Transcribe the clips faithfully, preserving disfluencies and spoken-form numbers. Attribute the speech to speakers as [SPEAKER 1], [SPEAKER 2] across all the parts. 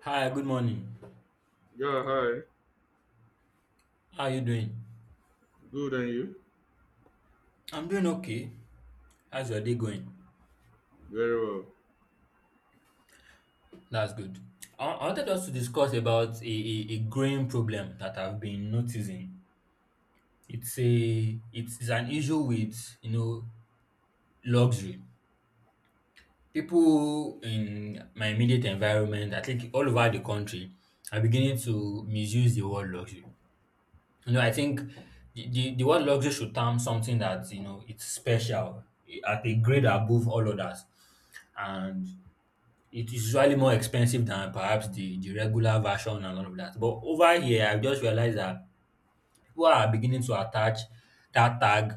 [SPEAKER 1] Hi, good morning.
[SPEAKER 2] Yeah, hi.
[SPEAKER 1] How are you doing?
[SPEAKER 2] Good, and you?
[SPEAKER 1] I'm doing okay. How's your day going?
[SPEAKER 2] Very well.
[SPEAKER 1] That's good. I I wanted us to discuss about a, a, a growing problem that I've been noticing. It's a it's, it's an issue with you know luxury. People in my immediate environment, I think all over the country, are beginning to misuse the word luxury. You know, I think the, the, the word luxury should term something that you know it's special eh, at a grade above all others and it is usually more expensive than perhaps the the regular version and all of that. But over here, I've just realized that people are beginning to attach that tag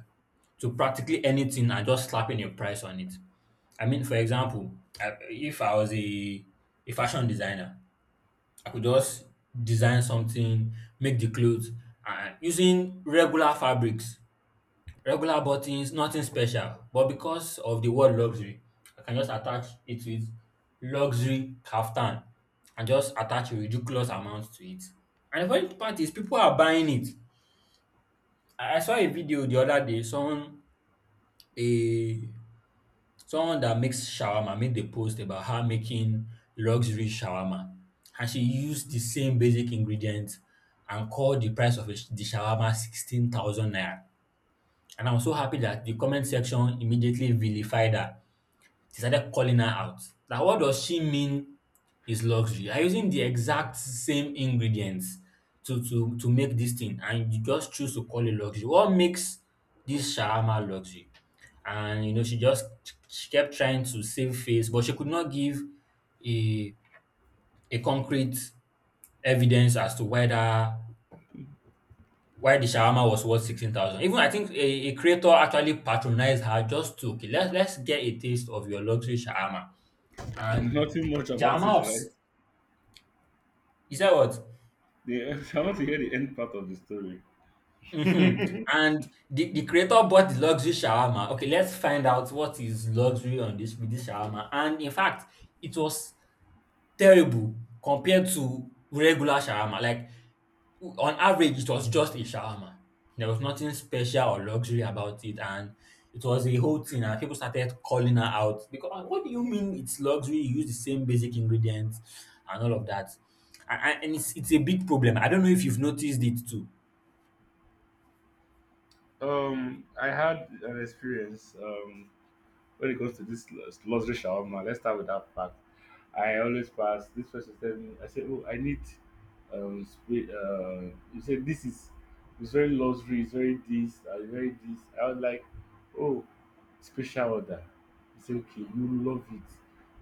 [SPEAKER 1] to practically anything and just slapping a price on it. I mean, for example, I, if I was a, a fashion designer, I could just design something, make the clothes, and using regular fabrics, regular buttons, nothing special. But because of the word luxury, I can just attach it with luxury kaftan and just attach a ridiculous amount to it. And the funny part is people are buying it. I I saw a video the other day, someone a someone that makes shawarma made the post about her making luxury shawarma. And she used the same basic ingredients and called the price of a sh- the shawarma sixteen thousand naira. And I was so happy that the comment section immediately vilified her. They started calling her out. Like, what does she mean is luxury? You're using the exact same ingredients to, to, to make this thing, and you just choose to call it luxury. What makes this shawarma luxury? And, you know, she just she kept trying to save face, but she could not give a, a concrete evidence as to whether why the shawarma was worth sixteen thousand. Even I think a, a creator actually patronized her just to, okay, let's, let's get a taste of your luxury shawarma. And
[SPEAKER 2] Nothing much about
[SPEAKER 1] shawarma
[SPEAKER 2] it,
[SPEAKER 1] of, s-
[SPEAKER 2] right?
[SPEAKER 1] is that what?
[SPEAKER 2] The, I want to hear the end part of the story.
[SPEAKER 1] hmm And the, the creator bought the luxury shawarma. Okay, let's find out what is luxury on this with this shawarma. And in fact, it was terrible compared to regular shawarma. Like on average, it was just a shawarma. There was nothing special or luxury about it, and it was a whole thing. And people started calling her out because, "Ah, what do you mean it's luxury? You use the same basic ingredients and all of that," and, and and it's it's a big problem. I don't know if you've noticed it too.
[SPEAKER 2] Um, I had an experience. Um, when it comes to this luxury shawarma, let's start with that fact. I always pass. This person tell me, I say, oh, I need. Um, sp- uh, you say this is, it's very luxury. It's very this. Uh, it's very this. I was like, oh, special order. He say, okay, you love it.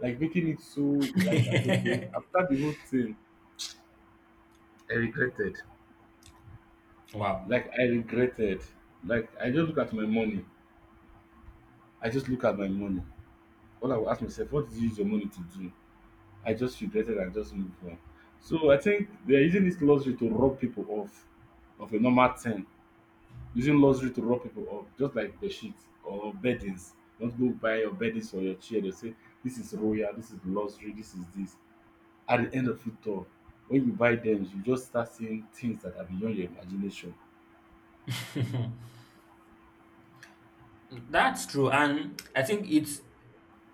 [SPEAKER 2] Like making it so like I say, okay. After the whole thing, I regretted.
[SPEAKER 1] Wow.
[SPEAKER 2] like I regretted. Like I just look at my money. I just look at my money. All I will ask myself, what did you use your money to do? I just regretted and just moved on. So I think they're using this luxury to rob people off of a normal thing. Using luxury to rob people off, just like the sheets or beddings. Don't go buy your beddings or your chair. They say this is royal, this is luxury, this is this. At the end of it all, when you buy them, you just start seeing things that are beyond your imagination.
[SPEAKER 1] That's true. And I think it's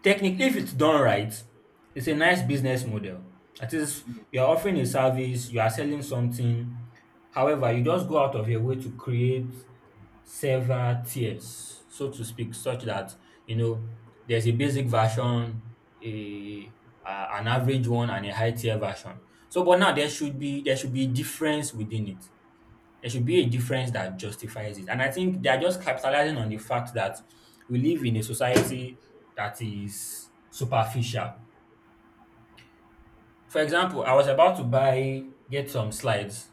[SPEAKER 1] technically, if it's done right, it's a nice business model. That is,
[SPEAKER 2] Mm.
[SPEAKER 1] you're offering a service, you are selling something. However, you just go out of your way to create several tiers, so to speak, such that you know there's a basic version, a uh, an average one, and a high tier version. So, but now there should be there should be difference within it. There should be a difference that justifies it. And I think they are just capitalizing on the fact that we live in a society that is superficial. For example, I was about to buy, get some slides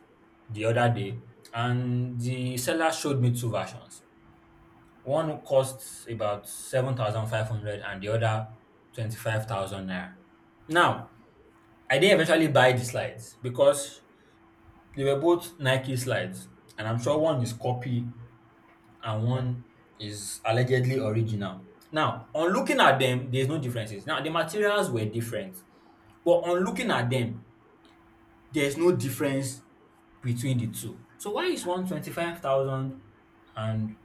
[SPEAKER 1] the other day, and the seller showed me two versions. One costs about seven thousand five hundred and the other twenty-five thousand naira. Now, I did eventually buy the slides because they were both Nike slides, and I'm sure one is copy and one is allegedly original. Now, on looking at them, there's no differences. Now, the materials were different, but on looking at them, there's no difference between the two. So why is one twenty-five thousand and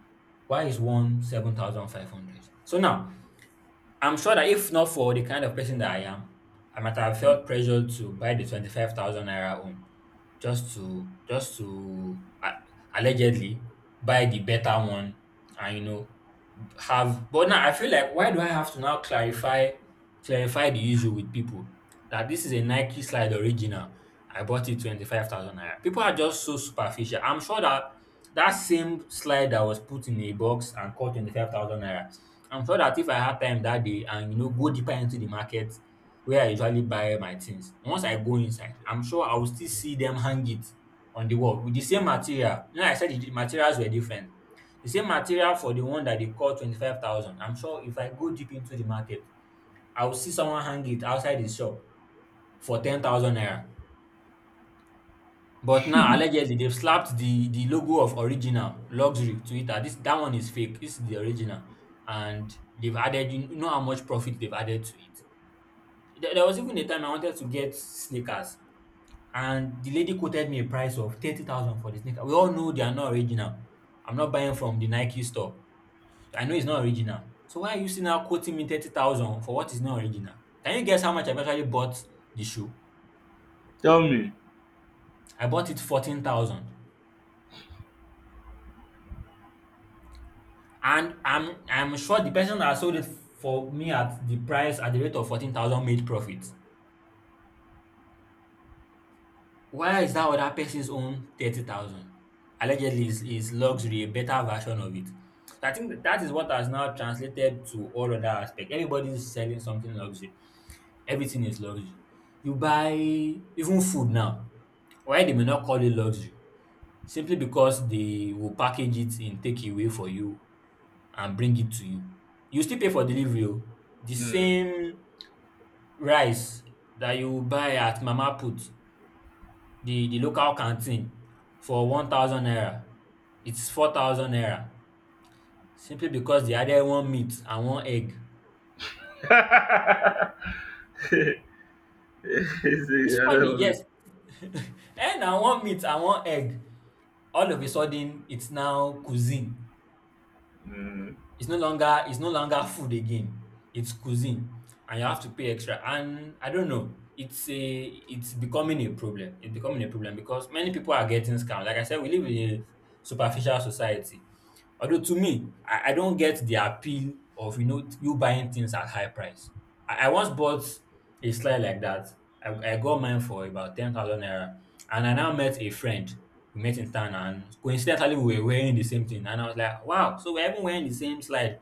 [SPEAKER 1] why is one seven thousand five hundred? So now, I'm sure that if not for the kind of person that I am, I might have
[SPEAKER 2] Mhm.
[SPEAKER 1] felt pressured to buy the twenty-five thousand naira one just to just to uh, allegedly buy the better one and you know have but now I feel like why do I have to now clarify clarify the issue with people that this is a Nike slide original. I bought it twenty-five thousand naira. People are just so superficial. I'm sure that that same slide that was put in a box and cost twenty-five thousand naira. I'm sure that if I had time that day and you know go deeper into the market where I usually buy my things, once I go inside, I'm sure I will still see them hang it on the wall with the same material. You know, I said the the materials were different. The same material for the one that they call twenty-five thousand. I'm sure if I go deep into the market, I will see someone hang it outside his shop for ten thousand naira. But now, allegedly, they've slapped the, the logo of original luxury to it. That this, that one is fake. This is the original, and they've added, you know, how much profit they've added to it. There, there was even a time I wanted to get sneakers, and the lady quoted me a price of thirty thousand for the sneaker. We all know they are not original. I'm not buying from the Nike store. I know it's not original. So why are you still now quoting me thirty thousand for what is not original? Can you guess how much I actually bought the shoe?
[SPEAKER 2] Tell me.
[SPEAKER 1] I bought it fourteen thousand. And I'm I'm sure the person that sold it for me at the price at the rate of fourteen thousand made profit. Why is that other person's own thirty thousand? Allegedly is is luxury, a better version of it. So I think that that is what has now translated to all other aspects. Everybody is selling something luxury. Everything is luxury. You buy even food now, while they may not call it luxury, simply because they will package it in takeaway for you and bring it to you. You still pay for delivery o. The
[SPEAKER 2] Mm.
[SPEAKER 1] same rice that you buy at mama put, the the local canteen for one thousand naira, it's four thousand naira simply because they added one meat and one egg.
[SPEAKER 2] It's
[SPEAKER 1] It's
[SPEAKER 2] a- I
[SPEAKER 1] funny,
[SPEAKER 2] don't know.
[SPEAKER 1] yes. Eh, na one meat and one egg, all of a sudden it's now cuisine.
[SPEAKER 2] Mm.
[SPEAKER 1] It's no longer it's no longer food again. It's cuisine, and you have to pay extra. And I don't know. It's a it's becoming a problem. It's becoming a problem because many people are getting scammed. Like I said, we live in a superficial society. Although to me, I, I don't get the appeal of you know you buying things at high price. I, I once bought a slide like that. I, I got mine for about ten thousand naira, and I now met a friend. We met in town, and coincidentally we were wearing the same thing. And I was like, "Wow!" So we're even wearing the same slide.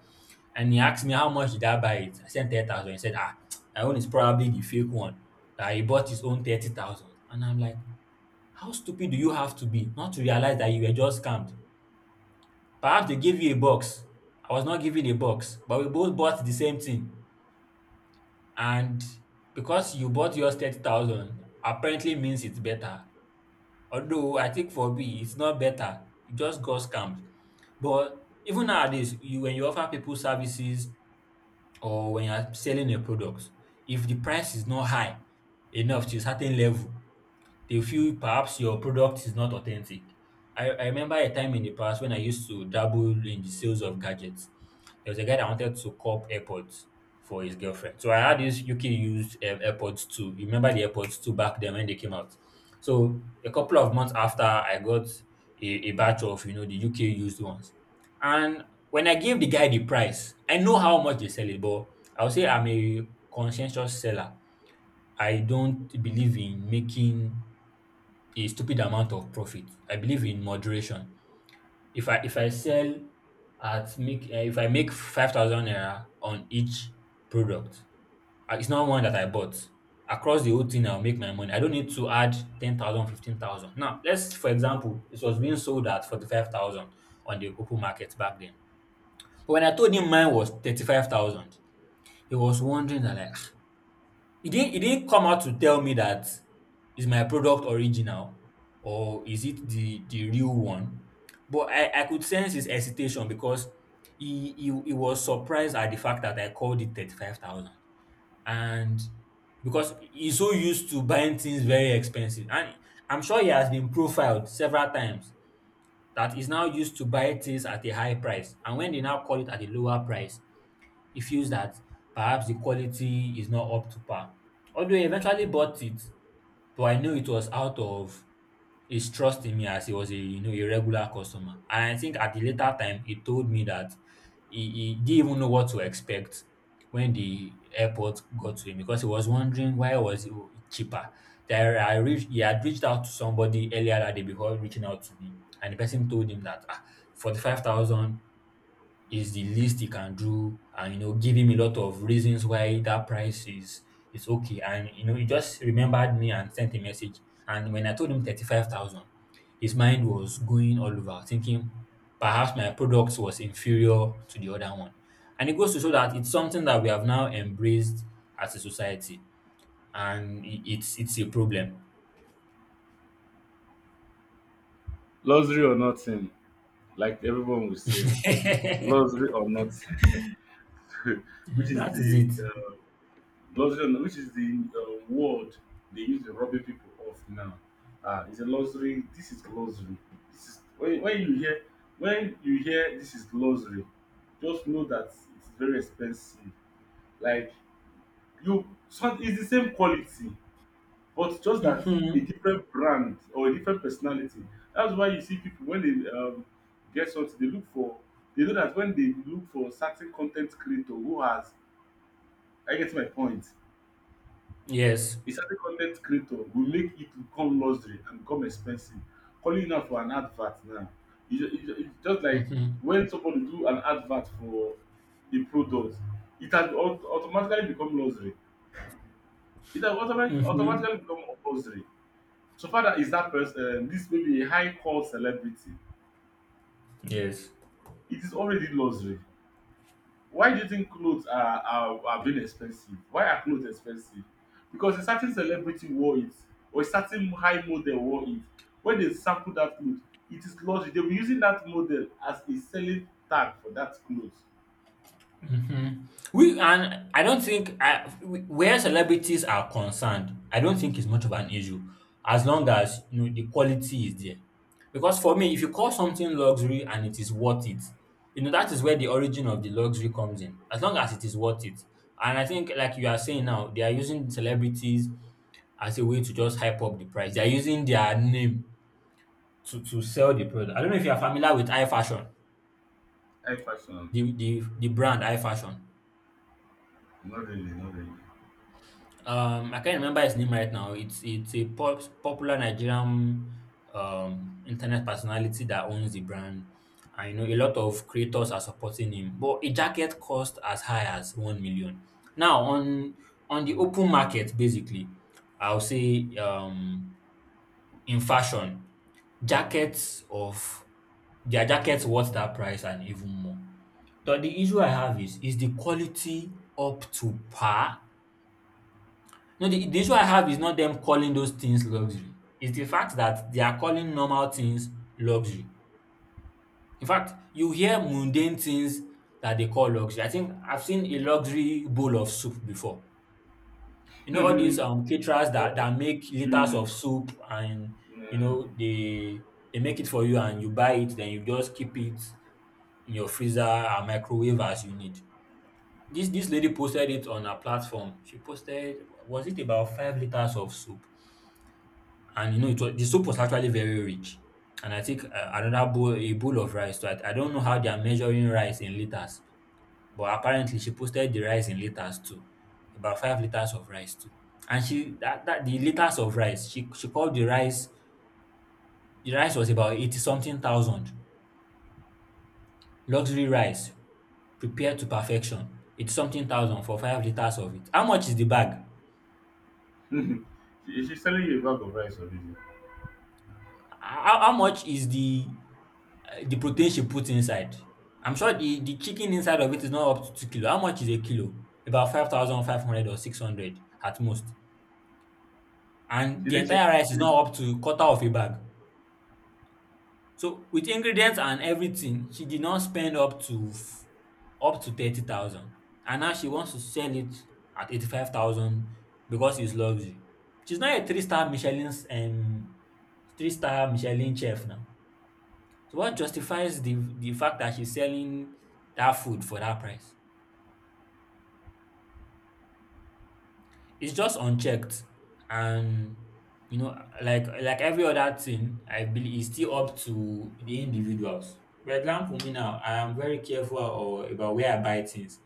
[SPEAKER 1] And he asked me how much did I buy it. I said ten thousand. He said, "Ah, my own is probably the fake one." That he bought his own thirty thousand. And I'm like, "How stupid do you have to be not to realize that you were just scammed? Perhaps they gave you a box. I was not given a box, but we both bought the same thing. And because you bought yours thirty thousand, apparently means it's better." Although I think for me, it's not better. It just got scammed. But even nowadays, you when you offer people services or when you're selling a product, if the price is not high enough to a certain level, they feel perhaps your product is not authentic. I, I remember a time in the past when I used to dabble in the sales of gadgets. There was a guy that wanted to cop AirPods for his girlfriend. So I had this U K used um, AirPods two. You remember the AirPods two back then when they came out? So a couple of months after, I got a, a batch of, you know, the U K used ones. And when I gave the guy the price, I know how much they sell it, but I would say I'm a conscientious seller. I don't believe in making a stupid amount of profit. I believe in moderation. If I if I sell at make uh, if I make five thousand naira on each product, uh, it's not one that I bought. Across the whole thing, I'll make my money. I don't need to add ten thousand fifteen thousand. Now, let's, for example, it was being sold at forty-five thousand on the open market back then. But when I told him mine was thirty-five thousand, he was wondering that, like, ah, he didn't he didn't come out to tell me that is my product original or is it the the real one? But I I could sense his hesitation, because he he, he was surprised at the fact that I called it thirty-five thousand. And because he's so used to buying things very expensive, and I'm sure he has been profiled several times, that he's now used to buy things at a high price, and when they now call it at a lower price, he feels that perhaps the quality is not up to par. Although he eventually bought it, but I know it was out of his trust in me, as he was a you know a regular customer. And I think at the later time he told me that he, he didn't even know what to expect when the airport got to him, because he was wondering why was it cheaper. There I reached he had reached out to somebody earlier that day before reaching out to me, and the person told him that ah, forty-five thousand is the least he can do, and you know give him a lot of reasons why that price is is okay. And you know he just remembered me and sent a message, and when I told him thirty-five thousand, his mind was going all over, thinking perhaps my product was inferior to the other one. And it goes to show that it's something that we have now embraced as a society, and i- it's it's a problem.
[SPEAKER 2] Luxury or nothing, like everyone will say.
[SPEAKER 1] That
[SPEAKER 2] Luxury or not, which is
[SPEAKER 1] is
[SPEAKER 2] the
[SPEAKER 1] it.
[SPEAKER 2] uh, luxury, or not, which is the uh, word they use in robbing people of now. Ah, it's a luxury. This is luxury. This is when, when you hear when you hear this is luxury, just know that it's very expensive. Like you, so it's the same quality, but just that a
[SPEAKER 1] Hmm.
[SPEAKER 2] different brand or a different personality. That's why you see people when they um, get something, they look for they know that when they look for certain content creator who has I get my point.
[SPEAKER 1] Yes.
[SPEAKER 2] A certain content creator will make it become luxury and become expensive. Calling out for an advert now. It's just, it's ju- it's just like
[SPEAKER 1] Hmm.
[SPEAKER 2] when somebody do an advert for a product, it has au- automatically become luxury. It has automatic,
[SPEAKER 1] Hmm.
[SPEAKER 2] automatically become luxury. So far that is that person, um, this may be a high call celebrity.
[SPEAKER 1] Yes.
[SPEAKER 2] It is already luxury. Why do you think clothes are are are being expensive? Why are clothes expensive? Because a certain celebrity wore it or a certain high model wore it. When they sample that cloth, it is luxury. They were using that model as a selling tag for that cloth.
[SPEAKER 1] Mhm. We and I don't think I, where celebrities are concerned, I don't think it's much of an issue, as long as you know the quality is there. Because for me, if you call something luxury and it is worth it, you know that is where the origin of the luxury comes in. As long as it is worth it, and I think like you are saying now, they are using celebrities as a way to just hype up the price. They are using their name to to sell the product. I don't know if you are familiar with iFashion,
[SPEAKER 2] High fashion.
[SPEAKER 1] the the the brand iFashion.
[SPEAKER 2] Not really, not really.
[SPEAKER 1] Um, I can't remember his name right now. It's it's a pop, popular Nigerian um, internet personality that owns the brand, and you know a lot of creators are supporting him. But a jacket cost as high as one million. Now on on the open market, basically, I'll say um, in fashion, jackets of their jackets worth that price and even more. But the issue I have is is the quality up to par? No, the, the issue I have is not them calling those things luxury. It's the fact that they are calling normal things luxury. In fact, you hear mundane things that they call luxury. I think I've seen a luxury bowl of soup before. You know, all these um caterers that,
[SPEAKER 2] Oh,
[SPEAKER 1] that make liters
[SPEAKER 2] mm,
[SPEAKER 1] of soup, and you
[SPEAKER 2] mm.
[SPEAKER 1] know they they make it for you, and you buy it, then you just keep it in your freezer and microwave as you need. This this lady posted it on her platform. She posted, was it about five liters of soup? And you know it was, the soup was actually very rich. And I think uh, another bowl a bowl of rice, so I, I don't know how they are measuring rice in liters, but apparently she posted the rice in liters too, about five liters of rice too. And she that, that the liters of rice, she she called the rice the rice, was about eighty something thousand. Luxury rice, prepared to perfection. It's something thousand for five liters of it. How much is the bag?
[SPEAKER 2] She, she's selling you a bag of rice already.
[SPEAKER 1] How, how much is the... The protein she put inside. I'm sure the the chicken inside of it is not up to two kilo. How much is a kilo? About five thousand five hundred or six hundred at most. And
[SPEAKER 2] She
[SPEAKER 1] the
[SPEAKER 2] did check.
[SPEAKER 1] entire rice is not up to quarter of a bag. So with ingredients and everything, she did not spend up to f- up to thirty thousand. And now she wants to sell it at eighty-five thousand, because it's luxury. She's not a three-star Michelin's um, three-star Michelin chef now. So what justifies the the fact that she's selling that food for that price? It's just unchecked, and you know, like like every other thing, I believe is still up to the individuals. For example, me now, I am very careful or about where I buy things.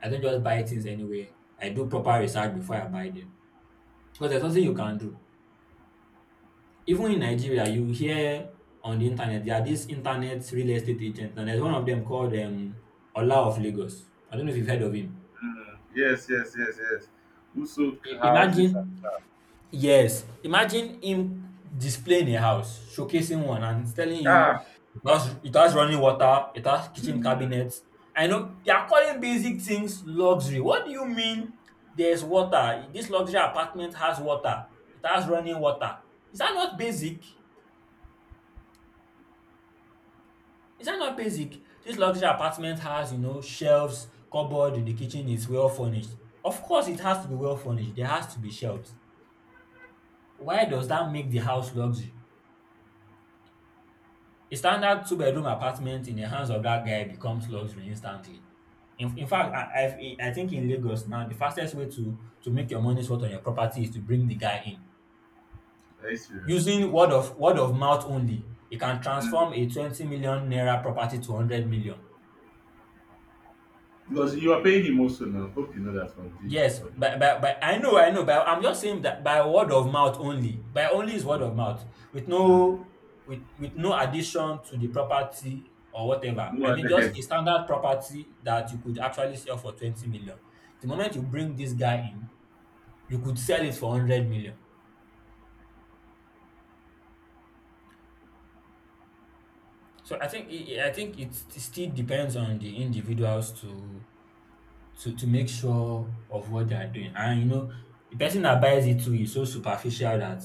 [SPEAKER 1] I don't just buy things anywhere. I do proper research before I buy them. Because there's nothing you can do. Even in Nigeria, you hear on the internet, there are these internet real estate agents, and there's one of them called um, Ola of Lagos. I don't know if you've heard of him.
[SPEAKER 2] Mm, yes, yes, yes, yes. Who sold
[SPEAKER 1] I-
[SPEAKER 2] houses? And
[SPEAKER 1] Imagine, yes, imagine him displaying a house, showcasing one, and telling you
[SPEAKER 2] Ah,
[SPEAKER 1] it has, it has running water, it has kitchen
[SPEAKER 2] mm,
[SPEAKER 1] cabinets. I know they are calling basic things luxury. What do you mean there's water? This luxury apartment has water, it has running water. Is that not basic? Is that not basic? This luxury apartment has, you know, shelves, cupboard, the kitchen is well furnished. Of course, it has to be well furnished. There has to be shelves. Why does that make the house luxury? A standard two-bedroom apartment in the hands of that guy becomes luxury instantly. In, in fact, I, I, I think in Lagos now, the fastest way to, to make your money's worth on your property is to bring the guy in.
[SPEAKER 2] are you serious?
[SPEAKER 1] Using word of word of mouth only, you can transform a twenty million naira property to one hundred million.
[SPEAKER 2] Because you are paying him also now. Hope you know that from
[SPEAKER 1] Yes,
[SPEAKER 2] the
[SPEAKER 1] but,
[SPEAKER 2] from
[SPEAKER 1] but, but I know, I know, but I'm just saying that by word of mouth only. By only is
[SPEAKER 2] the
[SPEAKER 1] word of mouth with
[SPEAKER 2] mm,
[SPEAKER 1] no with with no addition to the property or whatever.
[SPEAKER 2] no
[SPEAKER 1] I mean,
[SPEAKER 2] one
[SPEAKER 1] just a
[SPEAKER 2] else.
[SPEAKER 1] standard property that you could actually sell for twenty million. The moment you bring this guy in, you could sell it for one hundred million. So I think it, I think it, it still depends on the individuals to to to make sure of what they are doing. And you know, the person that buys it too is so superficial that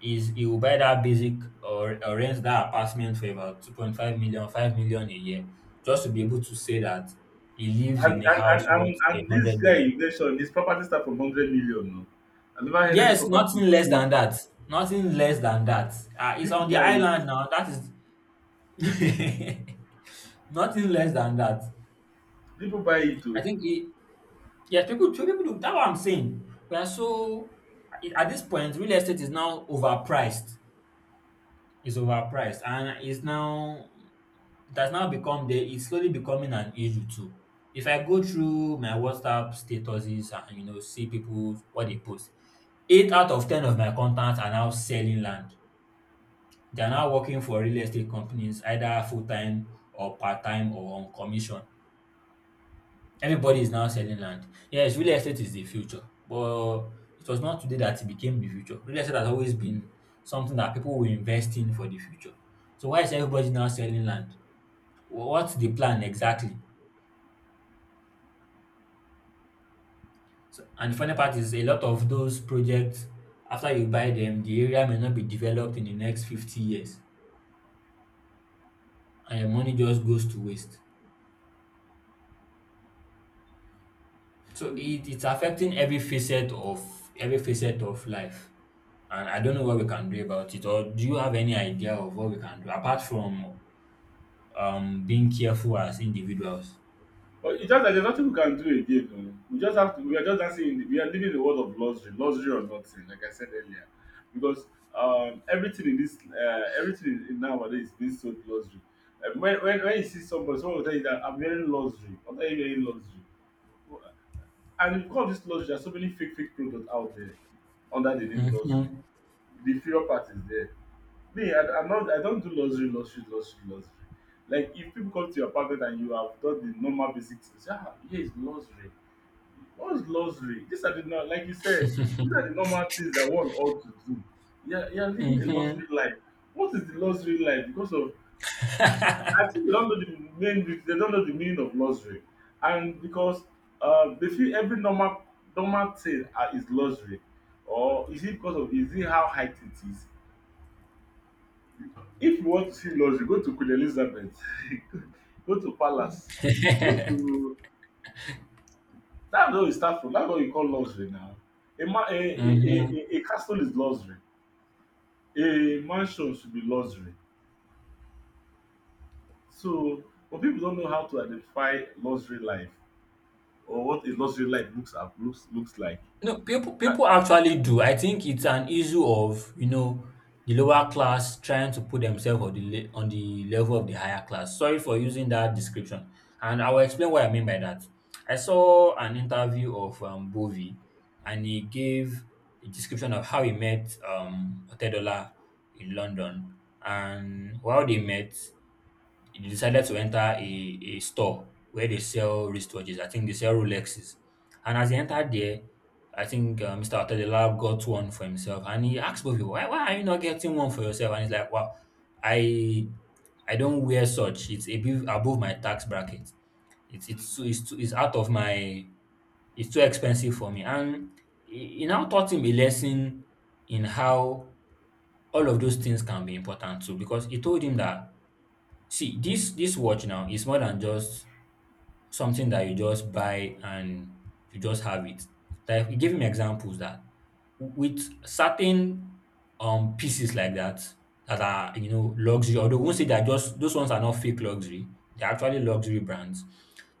[SPEAKER 1] is he will buy that basic, or, or rent that apartment for about two point five million, five million a year, just to be able to say that he lives
[SPEAKER 2] And
[SPEAKER 1] in a
[SPEAKER 2] and, and,
[SPEAKER 1] house
[SPEAKER 2] and
[SPEAKER 1] worth a
[SPEAKER 2] and this
[SPEAKER 1] hundred
[SPEAKER 2] guy
[SPEAKER 1] million.
[SPEAKER 2] you mentioned, his property start from hundred million now. I never heard any
[SPEAKER 1] Yes,
[SPEAKER 2] property
[SPEAKER 1] nothing less
[SPEAKER 2] so
[SPEAKER 1] than that. Nothing less than that. Uh, it's
[SPEAKER 2] people
[SPEAKER 1] on the
[SPEAKER 2] buy
[SPEAKER 1] island
[SPEAKER 2] it.
[SPEAKER 1] now. That is nothing less than that.
[SPEAKER 2] People buy it
[SPEAKER 1] I
[SPEAKER 2] too.
[SPEAKER 1] think it, Yes, people, true people do. That's what I'm saying. We are so, at this point, real estate is now overpriced. It's overpriced, and it's now, it has now become the, it's slowly becoming an issue too. If I go through my WhatsApp statuses and you know see people what they post, eight out of ten of my contacts are now selling land. They are now working for real estate companies, either full time or part time or on commission. Everybody is now selling land. Yes, real estate is the future, but it was not today that it became the future. Real estate has always been something that people will invest in for the future. So why is everybody now selling land? Wha- What's the plan exactly? So, and the funny part is a lot of those projects, after you buy them, the area may not be developed in the next fifty years, and your money just goes to waste. So it, it's affecting every facet of every facet of life. And I don't know what we can do about it. Or do you have any idea of what we can do apart from um being careful as individuals?
[SPEAKER 2] But it's just that there's nothing we can do again oh. We just have to we are just dancing in the we are living in the world of luxury, luxury or nothing, like I said earlier. Because um everything in this uh everything in nowadays is being so luxury. And when, when when you see somebody, someone will tell you that I'm wearing luxury, I'm not wearing luxury. And because of this luxury, there's so many fake fake products out there under the name luxury.
[SPEAKER 1] Mm-hmm.
[SPEAKER 2] The inferior part is there. Me, I, I'm not. I don't do luxury, luxury, luxury, luxury. Like if people come to your apartment and you have done the normal basic things, ah, yeah, it's luxury. What is luxury? These are the not like you said. These are the normal things that one ought to do. Yeah, you are living a
[SPEAKER 1] Mm-hmm.
[SPEAKER 2] luxury life. What is the luxury life? Because of I think they don't know the main. They don't know the meaning of luxury, and because uh, they feel every normal normal thing uh, is luxury, or is it because of is it how high it is? If you want to see luxury, go to Queen Elizabeth, go to Palace, go to. That's where we start from. That's what you call luxury now. A, ma- a, a,
[SPEAKER 1] Mm-hmm.
[SPEAKER 2] a, a castle is luxury. A mansion should be luxury. So, but people don't know how to identify luxury life or what a luxury life looks up, looks looks like.
[SPEAKER 1] No, people
[SPEAKER 2] I,
[SPEAKER 1] people actually do. I think it's an issue of you know the lower class trying to put themselves on the le- on the level of the higher class. Sorry for using that description, and I will explain what I mean by that. I saw an interview of um, Bovi, and he gave a description of how he met um, Otedola in London, and how they met, he decided to enter a, a store where they sell wristwatches. I think they sell Rolexes. And as he entered there, I think uh, mister Otedela got one for himself. And he asked both people, why, why are you not getting one for yourself? And he's like, well, I I don't wear such. It's above, above my tax bracket. It's, it's, too, it's, too, it's out of my, it's too expensive for me. And he he now taught him a lesson in how all of those things can be important too, because he told him that, see, this this watch now is more than just something that you just buy and you just have it. Like we give him examples that with certain um pieces like that that are you know luxury, although we won't say they're, just those ones are not fake luxury, they're actually luxury brands,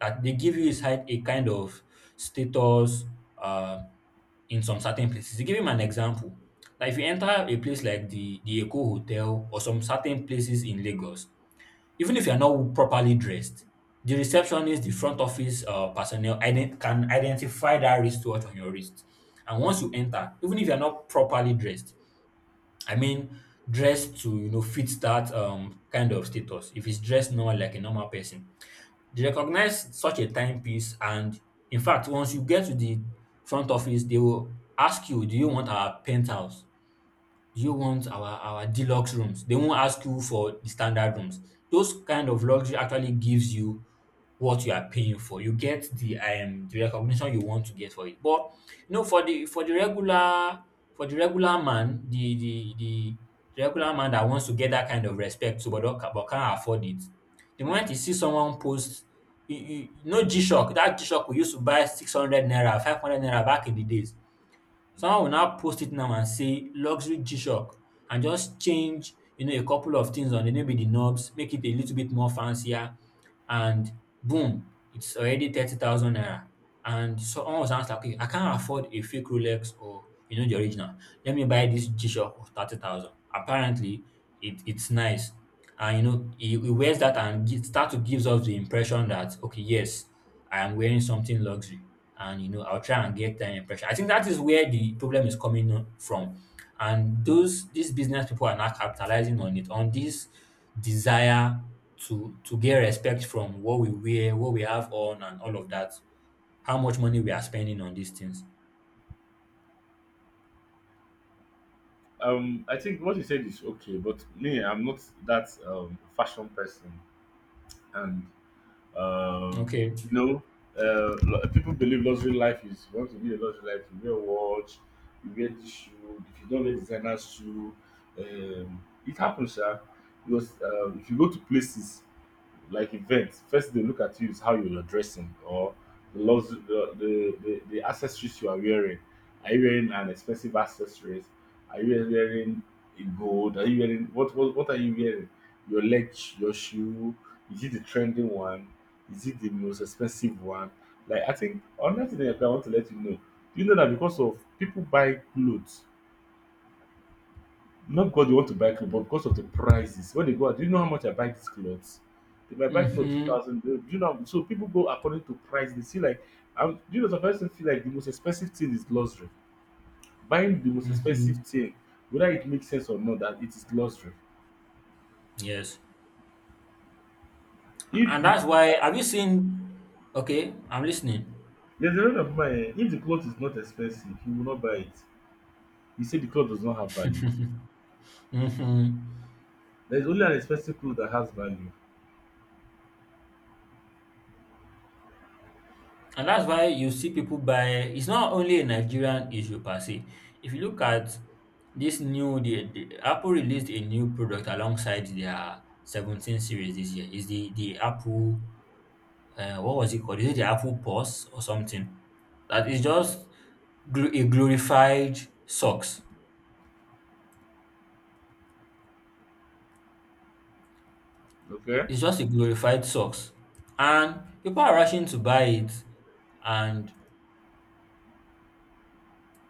[SPEAKER 1] that they give you is hi- a kind of status uh in some certain places. To give him an example, like if you enter a place like the the Eco Hotel or some certain places in Lagos, even if you're not properly dressed, the receptionist, the front office uh, personnel ident- can identify that wristwatch on your wrist. And once you enter, even if you're not properly dressed, I mean, dressed to you know fit that um, kind of status. If it's dressed normal like a normal person, they recognize such a timepiece. And in fact, once you get to the front office, they will ask you, "Do you want our penthouse? Do you want our our deluxe rooms?" They won't ask you for the standard rooms. Those kind of luxury actually gives you what you are paying for. You get the um the recognition you want to get for it. But you know, for the for the regular for the regular man, the the the, the regular man that wants to get that kind of respect, so but don't, but can't afford it. The moment
[SPEAKER 2] mm,
[SPEAKER 1] you see someone post you, you, no, G Shock, that G Shock we used to buy six hundred naira, five hundred naira back in the days. Someone will
[SPEAKER 2] mm.
[SPEAKER 1] now post it now and say luxury G-Shock and just change, you know, a couple of things on it, maybe the knobs, make it a little bit more fancier, and boom, it's already thirty thousand naira. And someone was asked, like, okay, I can't afford a fake Rolex or, you know, the original. Let me buy this G-Shock for thirty thousand. Apparently, it, it's nice. And, you know, he, he wears that and gi- start to gives us the impression that, okay, yes, I am wearing something luxury, and you know I'll try and get an impression. I think that is where the problem is coming on- from, and those these business people are not capitalizing on it on this desire to to get respect from what we wear, what we have on, and all of that. How much money we are spending on these things?
[SPEAKER 2] um, I think what you said is okay, but me, I'm not that um, fashion person. And. Um,
[SPEAKER 1] Okay.
[SPEAKER 2] you know, uh, lo- people believe luxury life is you want to be a luxury life. You wear watch, you wear this shoe. If you don't wear designer shoe, um, it happens, sha. Because um, if you go to places like events, first they look at you is how you're dressing or the lux- the, the, the, the accessories you are wearing. Are you wearing an expensive accessories? Are you wearing a gold? Are you wearing what, what what are you wearing? Your leg, your shoe? Is it the trending one? Is it the most expensive one? Like I think another thing that I want to let you know. Do you know that because of people buy clothes not because they want to buy clothes, but because of the prices. When they go out, do you know how much I buy these clothes? If I buy clothes two
[SPEAKER 1] Mm-hmm.
[SPEAKER 2] thousand, do you know? So people go according to price. They see like, um, do you know? Sometimes they feel like the most expensive thing is luxury. Buying the most expensive
[SPEAKER 1] Mm-hmm.
[SPEAKER 2] thing, whether it makes sense or not, that it is luxury.
[SPEAKER 1] Yes,
[SPEAKER 2] If
[SPEAKER 1] and
[SPEAKER 2] the
[SPEAKER 1] that's why. Have you seen? Okay, I'm listening.
[SPEAKER 2] there's a lot of mine, if the cloth is not expensive, he will not buy it. He said the cloth does not have value.
[SPEAKER 1] Mm-hmm.
[SPEAKER 2] There is only an expensive cloth that has value.
[SPEAKER 1] And that's why you see people buy, it's not only a Nigerian issue per se. If you look at this new, the, the Apple released a new product alongside their seventeen series this year. Is the the Apple, uh, what was it called? Is it the Apple Pulse or something? That is just gl- a glorified socks.
[SPEAKER 2] Okay.
[SPEAKER 1] It's just a glorified socks, and people are rushing to buy it. And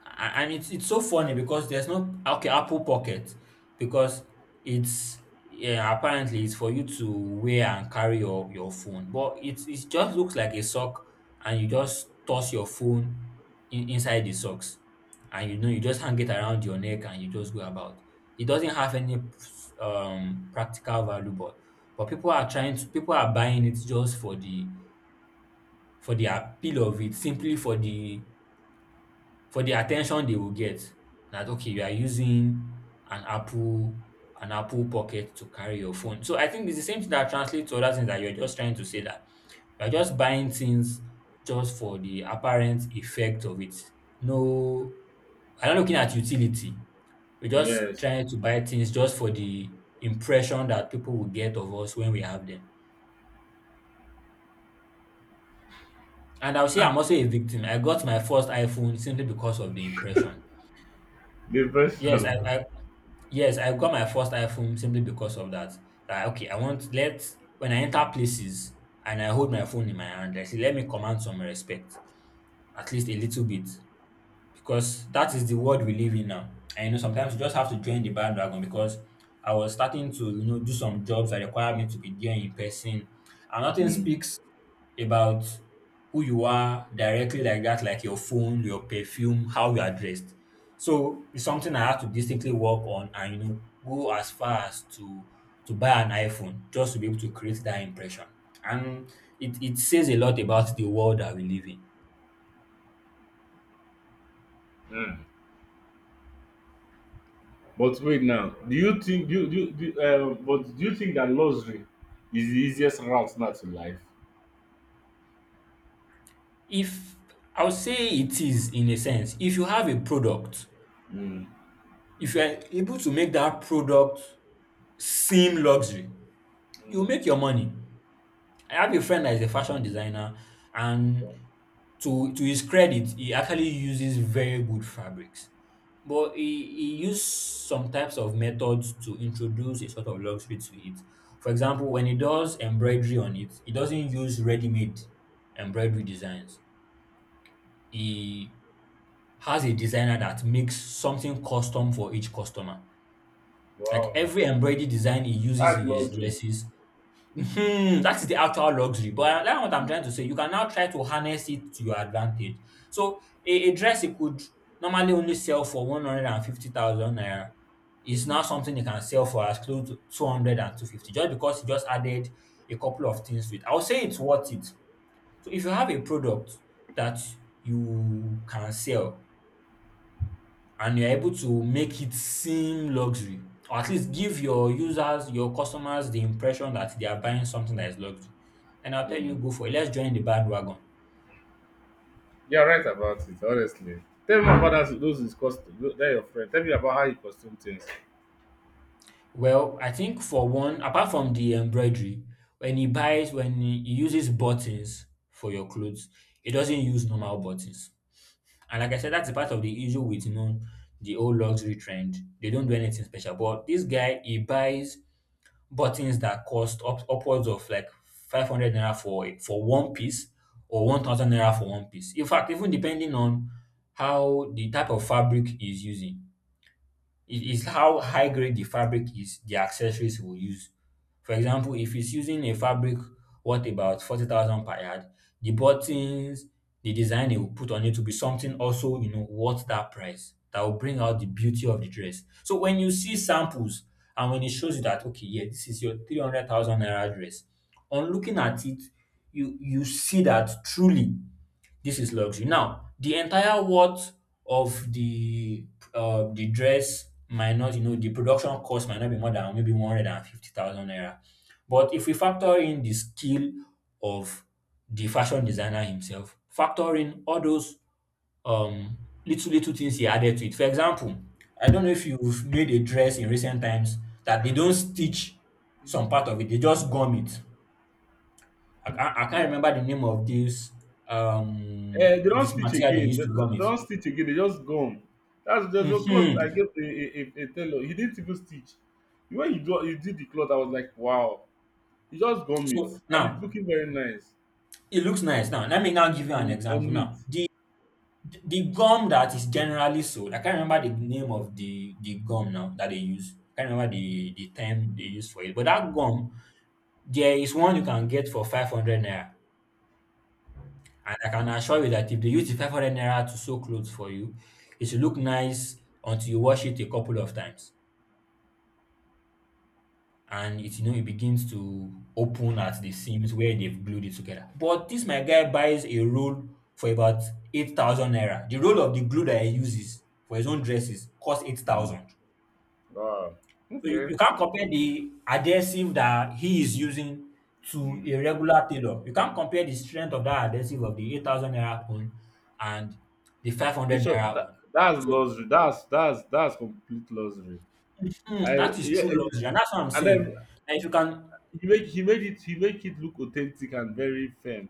[SPEAKER 1] A- and it's it's so funny because there's no, okay, Apple Pocket, because it's yeah, apparently it's for you to wear and carry your your phone, but it's it just looks like a sock, and you just toss your phone in, inside the socks, and you know you just hang it around your neck and you just go about. It doesn't have any um practical value, but but people are trying to people are buying it just for the for the appeal of it, simply for the for the attention they will get, that okay, you are using an apple an apple pocket to carry your phone. So I think it's the same thing that translates to other things, that you're just trying to say that you're just buying things just for the apparent effect of it. No, I'm not looking at utility. We're just
[SPEAKER 2] Yes.
[SPEAKER 1] trying to buy things just for the impression that people will get of us when we have them. And I'll say
[SPEAKER 2] And
[SPEAKER 1] I'm also a victim. I got my first iPhone simply because of the impression.
[SPEAKER 2] the
[SPEAKER 1] yes i
[SPEAKER 2] person.
[SPEAKER 1] i, Yes, I got my first iPhone simply because of that. That okay, I want let when I enter places and I hold my phone in my hand, I say let me command some respect, at least a little bit. Because that is the world we live in now. And you know, sometimes you just have to join the bandwagon because I was starting to, you know, do some jobs that require me to be there in person. And nothing
[SPEAKER 2] Mm.
[SPEAKER 1] speaks about who you are directly like that, like your phone, your perfume, how you are dressed. So it's something I have to distinctly work on, and you know go as far as to to buy an iPhone just to be able to create that impression. And it, it says a lot about the world that we live in.
[SPEAKER 2] Mm. But wait now, do you think do you, do, you- do you- uh, but do you think that luxury is the easiest route now to life?
[SPEAKER 1] If I would say it is in a sense. If you have a product,
[SPEAKER 2] Mm.
[SPEAKER 1] if you are able to make that product seem luxury, you will
[SPEAKER 2] Mm.
[SPEAKER 1] make your money. I have a friend that is a fashion designer, and to to his credit, he actually uses very good fabrics. But he, he used some types of methods to introduce a sort of luxury to it. For example, when he does embroidery on it, he doesn't use ready-made embroidery designs. He has a designer that makes something custom for each customer. Like
[SPEAKER 2] Wow,
[SPEAKER 1] every embroidery design he uses
[SPEAKER 2] that's
[SPEAKER 1] in his
[SPEAKER 2] luxury.
[SPEAKER 1] dresses, hmm, that is the actual luxury. But uh, that's what I'm trying
[SPEAKER 2] Mm.
[SPEAKER 1] to say. You can now try to harness it to your advantage. So a, a dress you could normally only sell for one hundred fifty thousand naira is
[SPEAKER 2] Mm.
[SPEAKER 1] now something you can sell for as close to two hundred and two fifty. Just because you just added a couple of things to it. I would say it's worth it. So if you have a product that you can sell and you're able to make it seem luxury or at least give your users, your customers the impression that they are buying something that is luxury. And I'll tell you,
[SPEAKER 2] Mm.
[SPEAKER 1] go for it. Let's join the bandwagon.
[SPEAKER 2] You're right about it, honestly. Tell me about that, those is custom. They're your friend. Tell me about how you costume things.
[SPEAKER 1] Well, I think for one, apart from the embroidery, when he buys, when he he uses buttons for your clothes, he doesn't use normal buttons. And like I said, that's a part of the issue with you know the old luxury trend. They don't do anything special. But this guy, he buys buttons that cost up, upwards of like five hundred naira for a- for one piece, or one thousand naira for one piece. In fact, even depending on how the type of fabric is using. It is how high grade the fabric is, the accessories we'll use. For example, if it's using a fabric worth about forty thousand per yard, the buttons, the design they will put on it will be something also, you know, worth that price that will bring out the beauty of the dress. So when you see samples and when it shows you that, okay, yeah, this is your three hundred thousand naira dress, on looking at it, you, you see that truly this is luxury. Now, the entire worth of the uh, the dress might not, you know, the production cost might not be more than maybe one hundred fifty thousand naira. But if we factor in the skill of the fashion designer himself, factor in all those um, little, little things he added to it. For example, I don't know if you've made a dress in recent times that they don't stitch some part of it, they just gum it. I can't, I can't
[SPEAKER 2] Uh,
[SPEAKER 1] remember the name of this um
[SPEAKER 2] they don't
[SPEAKER 1] this
[SPEAKER 2] stitch
[SPEAKER 1] material they
[SPEAKER 2] again.
[SPEAKER 1] used
[SPEAKER 2] They,
[SPEAKER 1] to gum
[SPEAKER 2] they
[SPEAKER 1] it.
[SPEAKER 2] don't stitch again. They just gone. That's there's no cloth I
[SPEAKER 1] Mhm.
[SPEAKER 2] gave a, a, a, a tailor. He didn't even stitch. When you do you did the cloth, I was like, wow. It's just gum it,
[SPEAKER 1] So
[SPEAKER 2] and it's
[SPEAKER 1] now
[SPEAKER 2] looking very nice
[SPEAKER 1] it looks nice. Now let me now give you an
[SPEAKER 2] mm,
[SPEAKER 1] example.
[SPEAKER 2] and neat.
[SPEAKER 1] Now the the gum that is generally sold, I can't remember the name of the the gum now that they use. I can't remember the the term they use for it. But that gum, there is one you can get for five hundred naira, and I can assure you that if they use the five hundred naira to sew clothes for you, it should look nice until you wash it a couple of times. And it you know it begins to open at the seams where they've glued it together. But this my guy buys a roll for about eight thousand naira. The roll of the glue that he uses for his own dresses costs eight
[SPEAKER 2] Mm.
[SPEAKER 1] thousand.
[SPEAKER 2] Wow.
[SPEAKER 1] So you, you
[SPEAKER 2] Okay.
[SPEAKER 1] can't compare the adhesive that he is using to a
[SPEAKER 2] Mm.
[SPEAKER 1] regular tailor. You can't compare the strength of that adhesive of the eight thousand naira one and the five
[SPEAKER 2] In
[SPEAKER 1] hundred
[SPEAKER 2] short,
[SPEAKER 1] naira
[SPEAKER 2] that,
[SPEAKER 1] one.
[SPEAKER 2] that's
[SPEAKER 1] So
[SPEAKER 2] luxury. That's that's that's complete luxury.
[SPEAKER 1] mhm,
[SPEAKER 2] I
[SPEAKER 1] that is
[SPEAKER 2] yeah,
[SPEAKER 1] true
[SPEAKER 2] eh,
[SPEAKER 1] luxury, and that's what I'm
[SPEAKER 2] and
[SPEAKER 1] saying.
[SPEAKER 2] then
[SPEAKER 1] Now, if you can.
[SPEAKER 2] he make he made it he make it look authentic and very firm.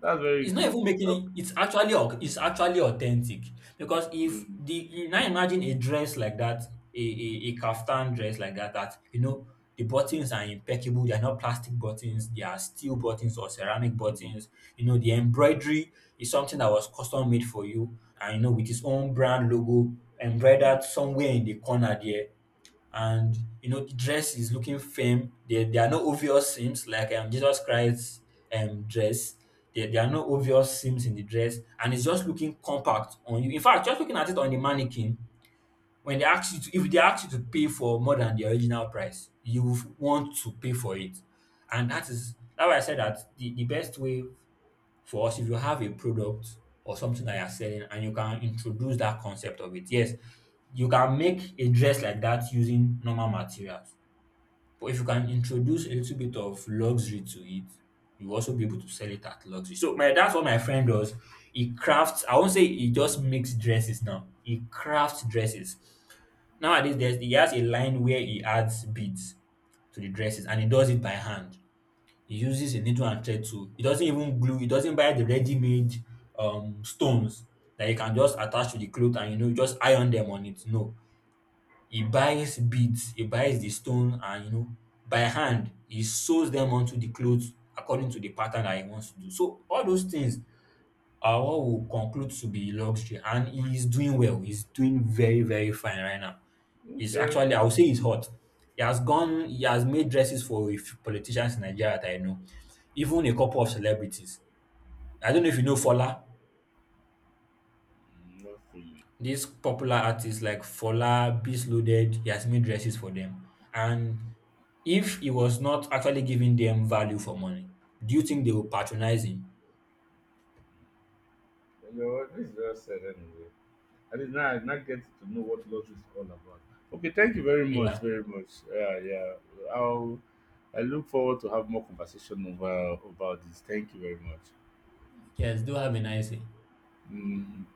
[SPEAKER 2] That's very
[SPEAKER 1] It's not
[SPEAKER 2] good.
[SPEAKER 1] even making it. It's actually au- it's actually authentic, because if
[SPEAKER 2] Mm,
[SPEAKER 1] the you now imagine a dress like that, a, a a kaftan dress like that, that you know the buttons are impeccable. They are not plastic
[SPEAKER 2] mm,
[SPEAKER 1] buttons. They are steel buttons or ceramic
[SPEAKER 2] mm,
[SPEAKER 1] buttons. You know the embroidery is something that was custom made for you, and you know with its own brand logo embroidered
[SPEAKER 2] mm,
[SPEAKER 1] somewhere in the corner there, and you know the dress is looking firm. There, there are no obvious seams like um, Jesus Christ's um, dress. There, there are no obvious seams in the dress, and it's just looking compact on you. In fact, just looking at it on the mannequin, when they ask you to, if they ask you to pay for more than the original price, you would want to pay for it, and that is that's why I said that the, the best way for us, if you have a product or something that you're selling and you can introduce that concept of it, yes, you can make a dress like that using normal materials, but if you can introduce a little bit of luxury to it, you also be able to sell it at luxury. So my that's what my friend does. He crafts. I won't say he just makes dresses, now he crafts dresses. Nowadays there's he has a line where he adds beads to the dresses, and he does it by hand. He uses a needle and thread-two. He doesn't even glue, he doesn't buy the ready-made um stones that you can just attach to the cloth and you know just iron them on it. No. He buys beads, he buys the stone, and you know by hand he sews them onto the clothes according to the pattern that he wants to do. So all those things uh, what we'll conclude to be luxury, and he's doing well. He's doing very, very fine right now.
[SPEAKER 2] mm.
[SPEAKER 1] He's
[SPEAKER 2] Okay.
[SPEAKER 1] actually, I would say, he's hot. He has gone, he has made dresses for a few politicians in Nigeria that I know, even a couple of celebrities. I don't know if you know Fola,
[SPEAKER 2] Mm, not for you. You
[SPEAKER 1] these popular artists like Fola, Beast Loaded. He has made dresses for them, and if he was not actually giving them value for money, do you think they will patronize him?
[SPEAKER 2] know what? This is well said anyway. I did not, I did not get to know what lottery is all about. Okay, thank you very much,
[SPEAKER 1] Yeah.
[SPEAKER 2] very much. Yeah, yeah. I'll, I look forward to have more conversation over about this. Thank you very much.
[SPEAKER 1] Yes. Do have a nice day.
[SPEAKER 2] Mm.